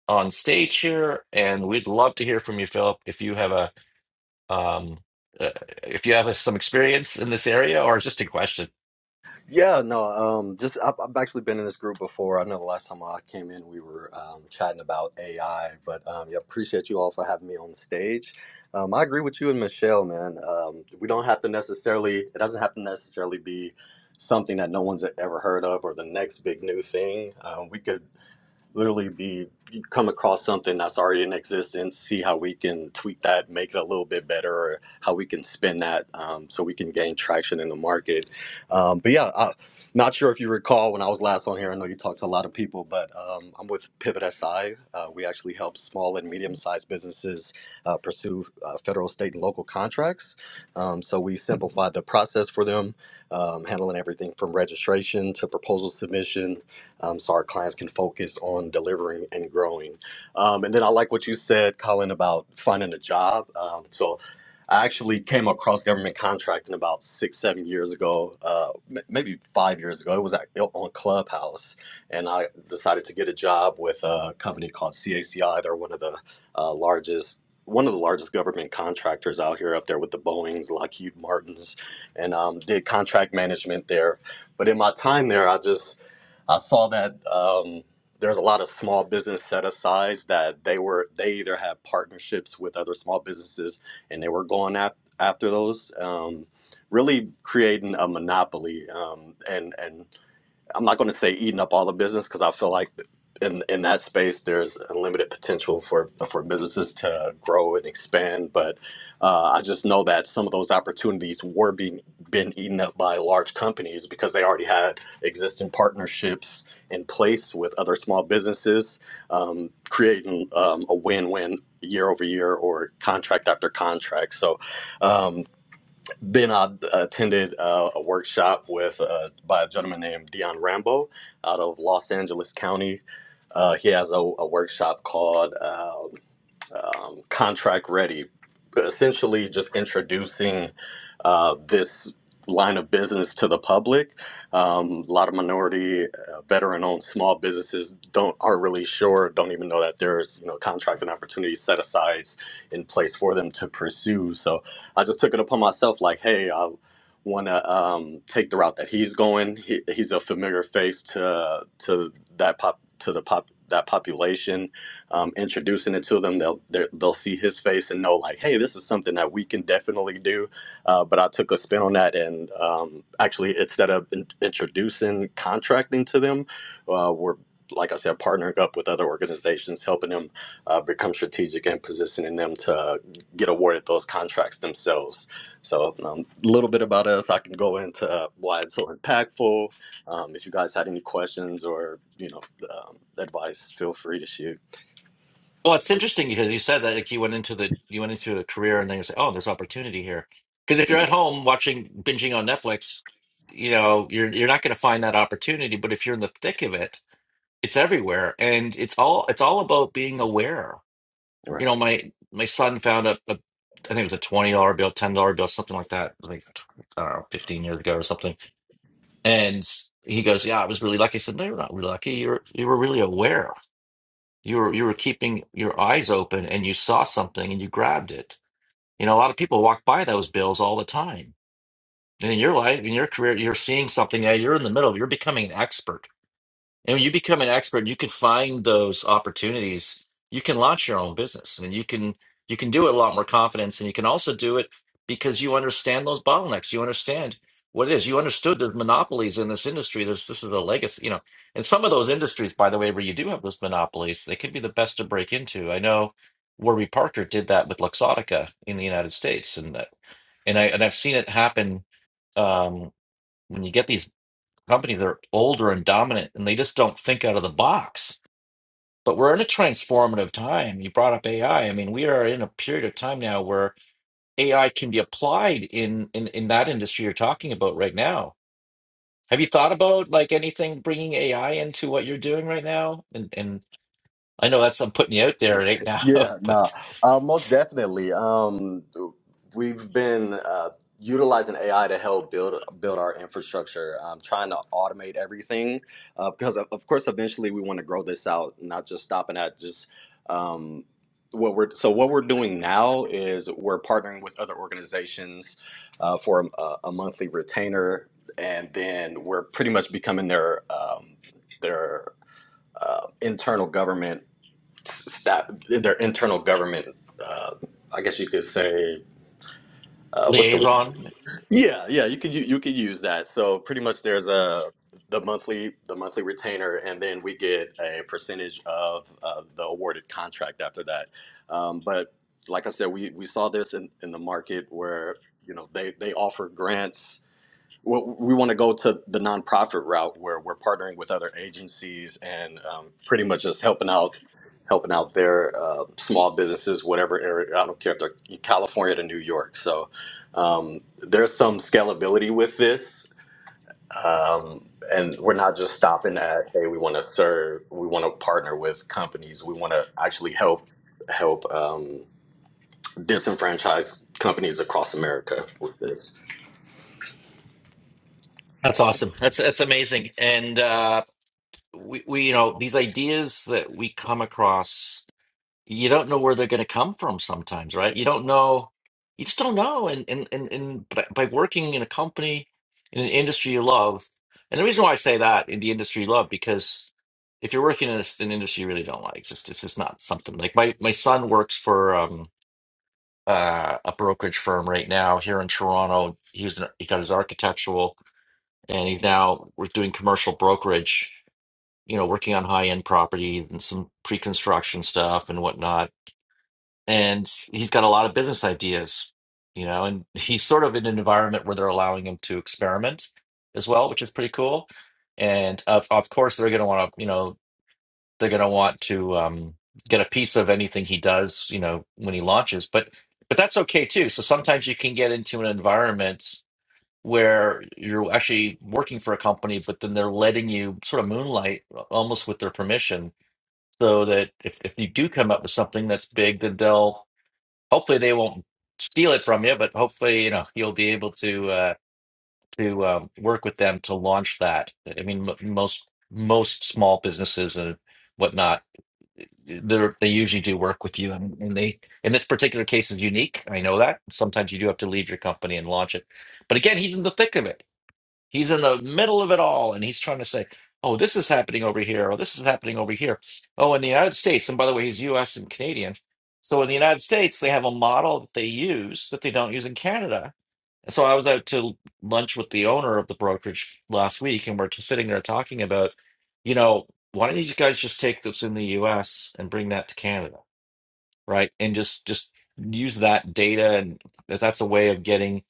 S1: on stage here, and we'd love to hear from you, Philip. If you have a um, uh, if you have a, some experience in this area, or just a question.
S5: Yeah, no, um, just I've, I've actually been in this group before. I know the last time I came in, we were um, chatting about AI, but um, yeah, appreciate you all for having me on stage. Um, I agree with you and Michelle, man. Um, we don't have to necessarily, it doesn't have to necessarily be something that no one's ever heard of or the next big new thing. Um, we could literally be you come across something that's already in existence, see how we can tweak that, make it a little bit better, or how we can spin that um, so we can gain traction in the market. Um, but yeah, I, not sure if you recall when I was last on here. I know you talked to a lot of people, but um, I'm with Pivot SI. Uh, we actually help small and medium sized businesses uh, pursue uh, federal, state, and local contracts. Um, so we simplify the process for them, um, handling everything from registration to proposal submission um, so our clients can focus on delivering and growing. Um, and then I like what you said, Colin, about finding a job. Um, so I actually came across government contracting about six, seven years ago, uh, m- maybe five years ago. It was at, on Clubhouse, and I decided to get a job with a company called CACI. They're one of the uh, largest. One of the largest government contractors out here, up there with the Boeing's, Lockheed Martins, and um, did contract management there. But in my time there, I just I saw that um, there's a lot of small business set asides that they were they either had partnerships with other small businesses and they were going at, after those, um, really creating a monopoly. Um, and and I'm not going to say eating up all the business because I feel like in in that space there's unlimited potential for for businesses to grow and expand. But uh, I just know that some of those opportunities were being been eaten up by large companies because they already had existing partnerships in place with other small businesses, um, creating um, a win-win year over year or contract after contract. So. Um, then I attended uh, a workshop with uh, by a gentleman named Dion Rambo out of Los Angeles County. Uh, he has a, a workshop called um, um, contract ready, essentially just introducing uh, this line of business to the public. Um, a lot of minority, uh, veteran-owned small businesses don't aren't really sure, don't even know that there's you know contracting opportunities set aside in place for them to pursue. So I just took it upon myself, like, hey, I want to um, take the route that he's going. He, he's a familiar face to to that pop to the pop that population um, introducing it to them, they'll they will see his face and know like, hey, this is something that we can definitely do. Uh, but I took a spin on that, and um, actually, instead of in- introducing contracting to them, uh, we're like I said, partnering up with other organizations, helping them uh, become strategic and positioning them to get awarded those contracts themselves. So, a um, little bit about us. I can go into uh, why it's so impactful. Um, if you guys had any questions or you know um, advice, feel free to shoot.
S1: Well, it's interesting because you said that like you went into the you went into a career, and then you say, "Oh, there's opportunity here." Because if you're
S5: Mhm.
S1: at home watching binging on Netflix, you know you're you're not going to find that opportunity. But if you're in the thick of it, it's everywhere and it's all it's all about being aware you
S5: Right.
S1: know my my son found a, a i think it was a $20 bill $10 bill something like that like i don't know 15 years ago or something and he goes yeah i was really lucky i said no you're not really lucky you were you were really aware you were you were keeping your eyes open and you saw something and you grabbed it you know a lot of people walk by those bills all the time and in your life in your career you're seeing something yeah you're in the middle you're becoming an expert And when you become an expert, you can find those opportunities. You can launch your own business and you can you can do it a lot more confidence and you can also do it because you understand those bottlenecks. You understand what it is. You understood there's monopolies in this industry. There's this is a legacy, you know. And some of those industries, by the way, where you do have those monopolies, they could be the best to break into. I know Warby Parker did that with Luxottica in the United States and and I and I've seen it happen um, when you get these company that are older and dominant and they just don't think out of the box. But we're in a transformative time. You brought up AI. I I mean, we are in a period of time now where AI can be applied in in, in that industry you're talking about right now. Have you thought about like anything bringing AI into what you're doing right now? And and I know that's I'm putting you out there right now,
S5: Yeah, no,
S1: but
S5: uh, most definitely. Um, we've been uh, utilizing AI to help build build our infrastructure, um, trying to automate everything uh, because, of, of course, eventually we want to grow this out, not just stopping at just um, what we're. So what we're doing now is we're partnering with other organizations uh, for a, a monthly retainer, and then we're pretty much becoming their um, their uh, internal government that their internal government. Uh, I guess you could say uh, what's the
S1: liaison.
S5: yeah yeah you could u- you could use that. So pretty much there's a the monthly the monthly retainer, and then we get a percentage of uh, the awarded contract after that. Um, but like I said, we we saw this in, in the market where you know they they offer grants well, we want to go to the nonprofit route where we're partnering with other agencies and um, pretty much just helping out, helping out their uh, small businesses, whatever area. I don't care if they're in California to New York. So um, there's some scalability with this, um, and we're not just stopping at hey, we want to serve. We want to partner with companies. We want to actually help help um, disenfranchised companies across America with this.
S1: That's awesome. That's that's amazing. And uh, we we you know these ideas that we come across you don't know where they're going to come from sometimes, right? You don't know, you just don't know. And and and and by by working in a company in an industry you love, and the reason why I say that in the industry you love because if you're working in a, an industry you really don't like, it's just it's just not something like my my son works for um uh a brokerage firm right now here in Toronto. He's an, he got his architectural and he's now we're doing commercial brokerage. You know, working on high-end property and some pre-construction stuff and whatnot and he's got a lot of business ideas, you know, and he's sort of in an environment where they're allowing him to experiment as well, which is pretty cool. And of of course, they're going to want to, you know, they're going to want to um, get a piece of anything he does, you know, when he launches. But but that's okay too. So sometimes you can get into an environment where you're actually working for a company, but then they're letting you sort of moonlight almost with their permission so that if, if you do come up with something that's big, then they'll hopefully they won't steal it from you, but hopefully, you know, you'll be able to uh, to um, work with them to launch that. I mean, m- most most small businesses and whatnot, they they usually do work with you, and, and they in this particular case is unique. I know that sometimes you do have to leave your company and launch it, but again, he's in the thick of it. He's in the middle of it all, and he's trying to say, "Oh, this is happening over here. Oh, this is happening over here." Oh, in the United States, and by the way, he's U.S. and Canadian. So in the United States, they have a model that they use that they don't use in Canada. So I was out to lunch with the owner of the brokerage last week, and we're just sitting there talking about, you know, why don't these guys just take this in the U.S. and bring that to Canada? right? And just just use that data, and that- that's a way of getting,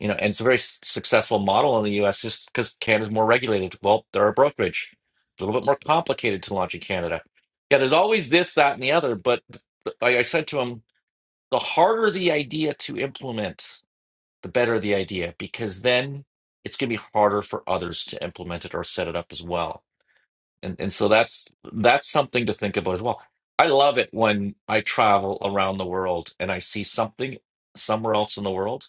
S1: you know, and it's a very s- successful model in the U.S. just because Canada's more regulated. Well, they're a brokerage. It's a little bit more complicated to launch in Canada. Yeah, there's always this, that, and the other. But th- like I said to him, the harder the idea to implement, the better the idea, because then it's going to be harder for others to implement it or set it up as well and and so that's that's something to think about as well i love it when i travel around the world and i see something somewhere else in the world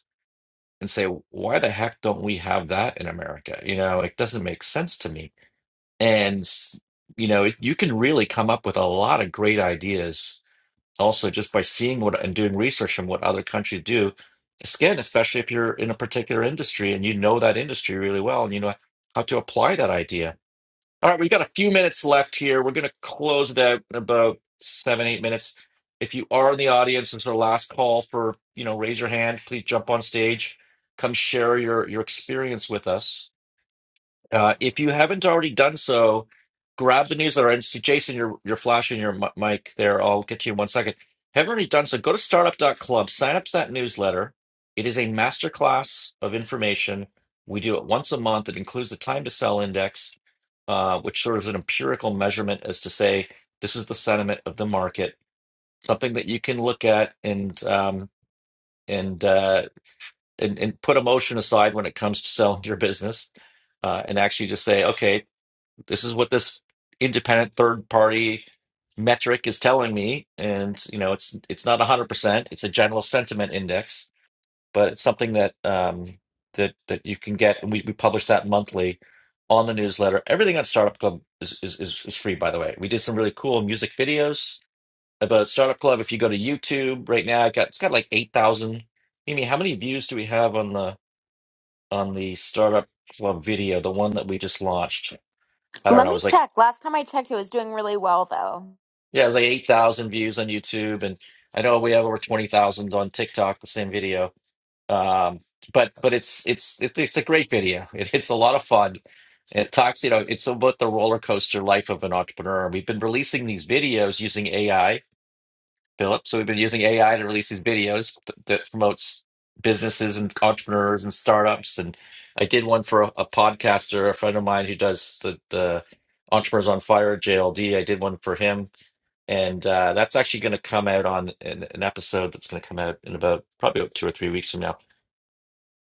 S1: and say why the heck don't we have that in america you know it doesn't make sense to me and you know you can really come up with a lot of great ideas also just by seeing what and doing research on what other countries do again especially if you're in a particular industry and you know that industry really well and you know how to apply that idea all right, we've got a few minutes left here. We're going to close it out in about seven, eight minutes. If you are in the audience, this is our last call for, you know, raise your hand. Please jump on stage. Come share your your experience with us. Uh, if you haven't already done so, grab the newsletter and see Jason, you're you're flashing your m- mic there. I'll get to you in one second. Haven't already done so, go to startup.club, sign up to that newsletter. It is a masterclass of information. We do it once a month. It includes the time to sell index, uh, which sort of is an empirical measurement as to say this is the sentiment of the market, something that you can look at and um, and, uh, and and put emotion aside when it comes to selling your business uh, and actually just say, okay, this is what this independent third party metric is telling me, and you know, it's it's not one hundred percent. It's a general sentiment index, but it's something that um, that that you can get, and we, we publish that monthly on the newsletter. Everything on Startup Club is, is is is free, by the way. We did some really cool music videos about Startup Club. If you go to YouTube right now, I got it's got like eight thousand. Amy, how many views do we have on the on the Startup Club video, the one that we just launched? I don't
S6: Let
S1: know. It
S6: me
S1: was like
S6: check. Last time I checked, it was doing really well, though.
S1: Yeah, it was like 8,000 views on YouTube, and I know we have over 20,000 on TikTok, the same video. Um, but but it's it's it, it's a great video. It, it's a lot of fun. It talks, you know, it's about the roller coaster life of an entrepreneur. We've been releasing these videos using AI, Philip. So we've been using AI to release these videos th- that promotes businesses and entrepreneurs and startups. And I did one for a, a podcaster, a friend of mine who does the the Entrepreneurs on Fire, JLD. I did one for him and uh, that's actually going to come out on an, an episode that's going to come out in about probably about two or three weeks from now.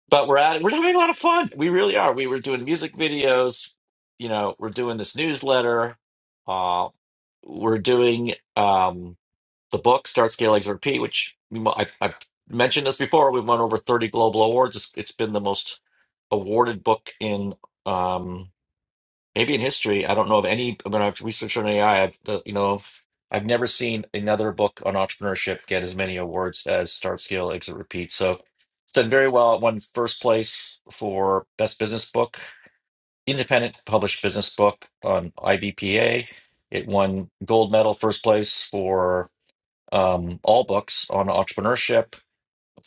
S1: But we're at it. We're having a lot of fun. We really are. We were doing music videos. You know, we're doing this newsletter. Uh, we're doing um, the book Start Scale Exit Repeat, which we, mo- I, I've mentioned this before. We've won over thirty global awards. It's, it's been the most awarded book in. Um, Maybe in history, I don't know of any. When I've researched on AI, have uh, you know, I've never seen another book on entrepreneurship get as many awards as Start, Scale, Exit, Repeat. So it's done very well. It won first place for best business book, independent published business book on IBPA. It won gold medal first place for um, all books on entrepreneurship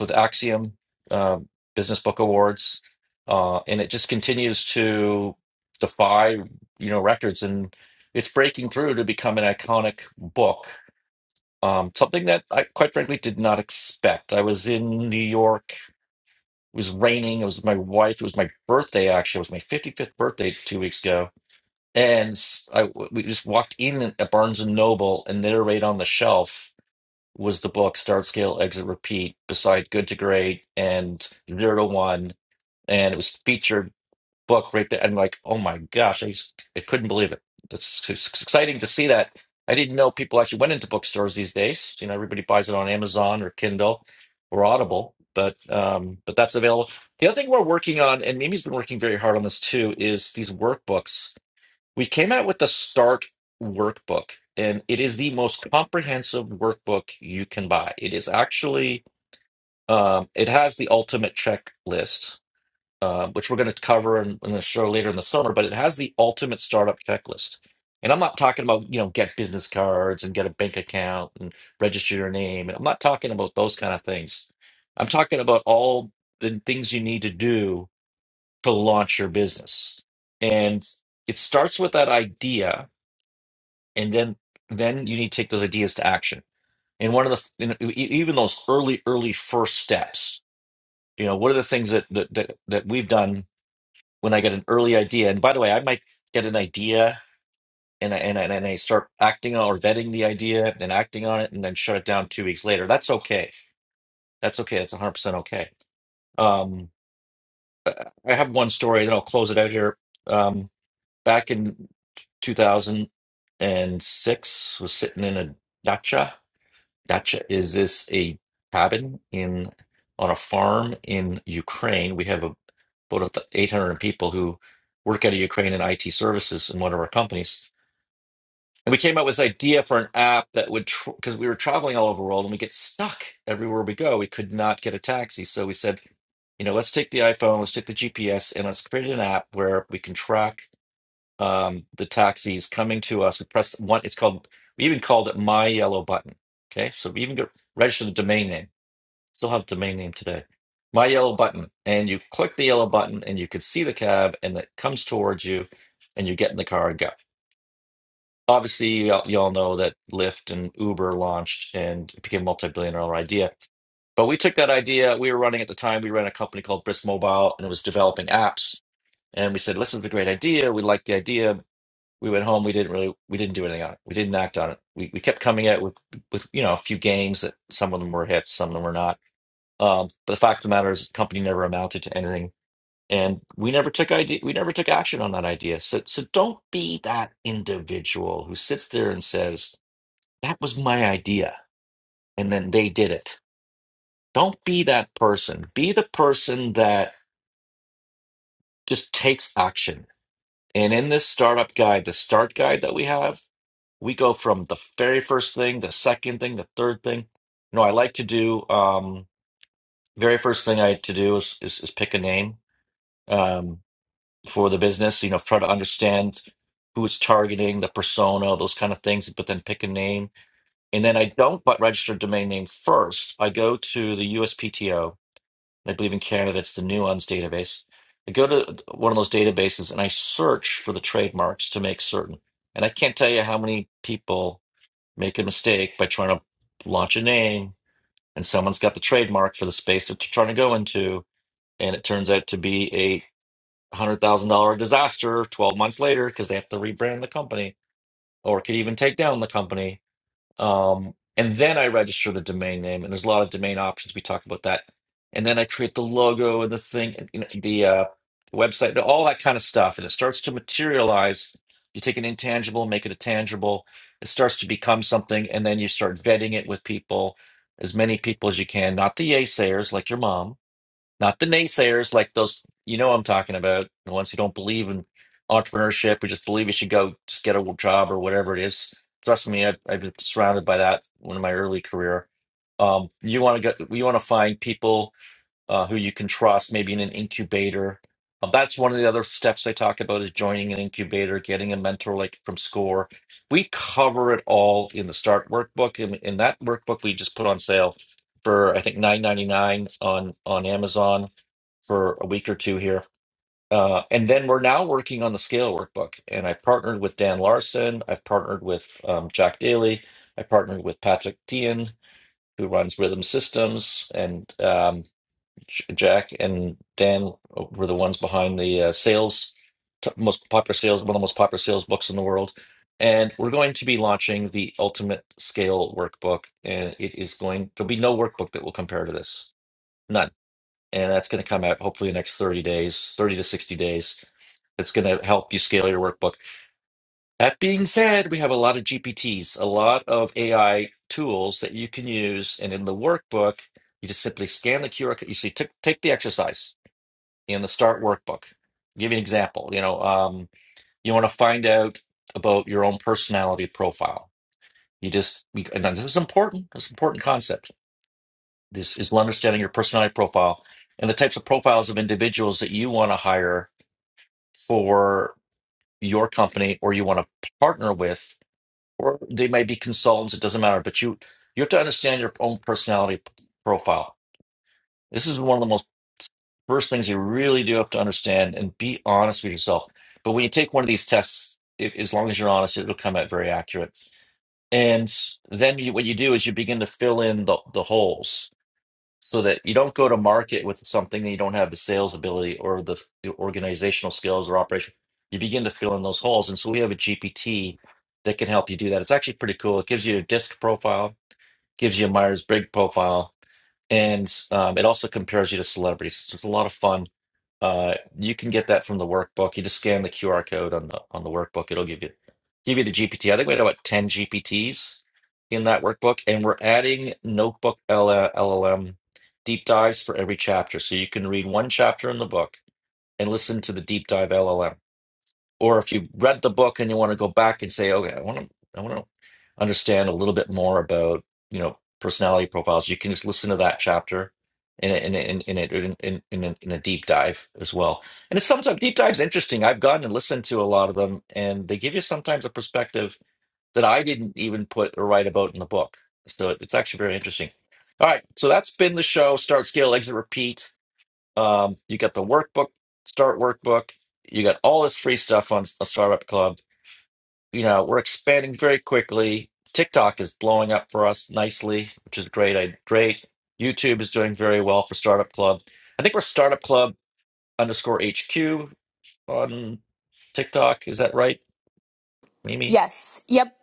S1: with Axiom uh, Business Book Awards, uh, and it just continues to defy you know records, and it's breaking through to become an iconic book. Um, something that I quite frankly did not expect. I was in New York. It was raining. It was with my wife. It was my birthday. Actually, it was my 55th birthday two weeks ago, and I we just walked in at Barnes and Noble, and there, right on the shelf was the book Start Scale Exit Repeat beside Good to Great and Zero to One, and it was featured book right there. And like, oh my gosh, I, s- I couldn't believe it. It's, it's exciting to see that. I didn't know people actually went into bookstores these days. You know, everybody buys it on Amazon or Kindle or Audible, but um, but that's available. The other thing we're working on, and Mimi's been working very hard on this too, is these workbooks we came out with the Start Workbook, and it is the most comprehensive workbook you can buy. It is actually, um, it has the ultimate checklist, uh, which we're going to cover in, in the show later in the summer, but it has the ultimate startup checklist. And I'm not talking about, you know, get business cards and get a bank account and register your name. And I'm not talking about those kind of things. I'm talking about all the things you need to do to launch your business. And it starts with that idea and then then you need to take those ideas to action and one of the you know, e- e, even those early early first steps you know what are the things that that that, that we've done when i get an early idea and by the way i might get an idea and I, and, I, and I start acting on or vetting the idea and acting on it and then shut it down two weeks later that's okay that's okay that's 100% okay um i I have one story then i'll close it out here um back in 2006 was sitting in a dacha Dacha, is this a cabin in on a farm in Ukraine? We have a, about 800 people who work out of Ukraine in IT services in one of our companies. And we came up with this idea for an app that would, because we were traveling all over the world and we get stuck everywhere we go. We could not get a taxi. So we said, you know, let's take the iPhone, let's take the GPS, and let's create an app where we can track um, the taxis coming to us. We press one. It's called. We even called it my yellow button. Okay, so we even got register the domain name. Still have the domain name today. My yellow button, and you click the yellow button, and you can see the cab, and it comes towards you, and you get in the car and go. Obviously, you all you all know that Lyft and Uber launched, and it became a multi-billion dollar idea. But we took that idea. We were running at the time. We ran a company called Brisk Mobile, and it was developing apps. And we said, "Listen, it's a great idea. We like the idea we went home. We didn't really, we didn't do anything on it. We didn't act on it. We we kept coming at it with with you know a few games that some of them were hits, some of them were not. Um, but the fact of the matter is, the company never amounted to anything, and we never took idea, we never took action on that idea. So so don't be that individual who sits there and says that was my idea, and then they did it. Don't be that person. Be the person that just takes action. And in this startup guide, the start guide that we have. We go from the very first thing, the second thing, the third thing. No, I like to do um very first thing I like to do is is, is pick a name um for the business, you know, try to understand who it's targeting, the persona, those kind of things, but then pick a name. And then I don't but register domain name first. I go to the USPTO, and I believe in Canada it's the Nuance database. I go to one of those databases and I search for the trademarks to make certain. And I can't tell you how many people make a mistake by trying to launch a name and someone's got the trademark for the space that they're trying to go into and it turns out to be a $100,000 disaster 12 months later because they have to rebrand the company or could even take down the company um, and then I register the domain name, and there's a lot of domain options. We talk about that. And then I create the logo and the thing, and, you know, the uh, website, and all that kind of stuff. And it starts to materialize. You take an intangible, make it a tangible. It starts to become something, and then you start vetting it with people, as many people as you can, not the naysayers like your mom not the naysayers, like those, you know, I'm talking about the ones who don't believe in entrepreneurship, who just believe you should go just get a job or whatever it is. Trust me, I've, I've been surrounded by that in my early career. Um, you want to go, you want to find people uh, who you can trust, maybe in an incubator. Um, that's one of the other steps they talk about is joining an incubator, getting a mentor like from SCORE. We cover it all in the Start workbook. In, in that workbook, we just put on sale for I think nine ninety nine on on Amazon for a week or two here. Uh, and then we're now working on the Scale workbook, and I've partnered with Dan Larson. I've partnered with um, Jack Daly. I partnered with Patrick Dean, who runs Rhythm Systems, and um, J- Jack and Dan uh, were the ones behind the uh, sales, t- most popular sales, one of the most popular sales books in the world. And we're going to be launching the Ultimate Scale Workbook, and it is going. There'll be no workbook that will compare to this, none. And that's going to come out hopefully in the next thirty days, thirty to sixty days. It's going to help you scale your workbook. That being said, we have a lot of GPTs, a lot of AI tools that you can use, and in the workbook, you just simply scan the QR. code. You see, t- take the exercise in the START workbook. Give you an example. You know, um, you want to find out about your own personality profile. You just, you, and this is important. This an important concept. This is understanding your personality profile and the types of profiles of individuals that you want to hire for your company or you want to partner with, or they may be consultants. It doesn't matter, but you you have to understand your own personality p- profile. This is one of the most First things you really do have to understand and be honest with yourself. But when you take one of these tests, if, as long as you're honest, it'll come out very accurate. And then you, what you do is you begin to fill in the, the holes so that you don't go to market with something that you don't have the sales ability or the, the organizational skills or operation. You begin to fill in those holes. And so we have a GPT that can help you do that. It's actually pretty cool. It gives you a disc profile, gives you a Myers-Briggs profile, and um, it also compares you to celebrities. So it's a lot of fun uh, you can get that from the workbook. You just scan the QR code on the on the workbook. It'll give you give you the GPT. I think we had about 10 GPTs in that workbook, and we're adding notebook LLM deep dives for every chapter. So you can read one chapter in the book and listen to the deep dive LLM or if you read the book and you want to go back and say, okay, I want to, I want to understand a little bit more about, you know, personality profiles, you can just listen to that chapter in a, in a, in a, in in, in, a, in a deep dive as well. And it's sometimes deep dives interesting. I've gone and listened to a lot of them, and they give you sometimes a perspective that I didn't even put or write about in the book. So it's actually very interesting. All right, so that's been the show. Start, scale, exit, repeat. Um, you got the workbook, start workbook. You got all this free stuff on a Startup Club. You know, we're expanding very quickly. TikTok is blowing up for us nicely, which is great. I great. YouTube is doing very well for Startup Club. I think we're Startup Club underscore HQ on TikTok. Is that right, Mimi?
S6: Yes. Yep.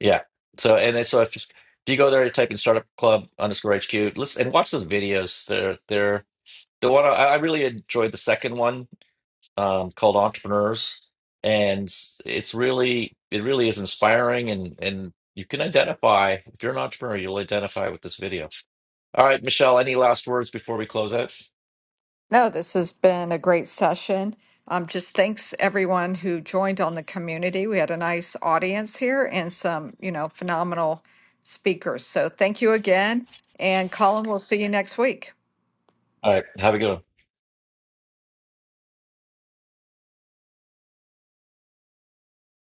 S1: Yeah. So and then so if just if you go there, you type in Startup Club underscore HQ, listen and watch those videos. They're they're the one I, I really enjoyed the second one um, called Entrepreneurs, and it's really it really is inspiring, and and you can identify if you're an entrepreneur, you'll identify with this video. All right, Michelle, any last words before we close out?
S2: No, this has been a great session. Um, just thanks everyone who joined on the community. We had a nice audience here and some, you know, phenomenal speakers. So thank you again. And Colin, we'll see you next week.
S1: All right, have a good one.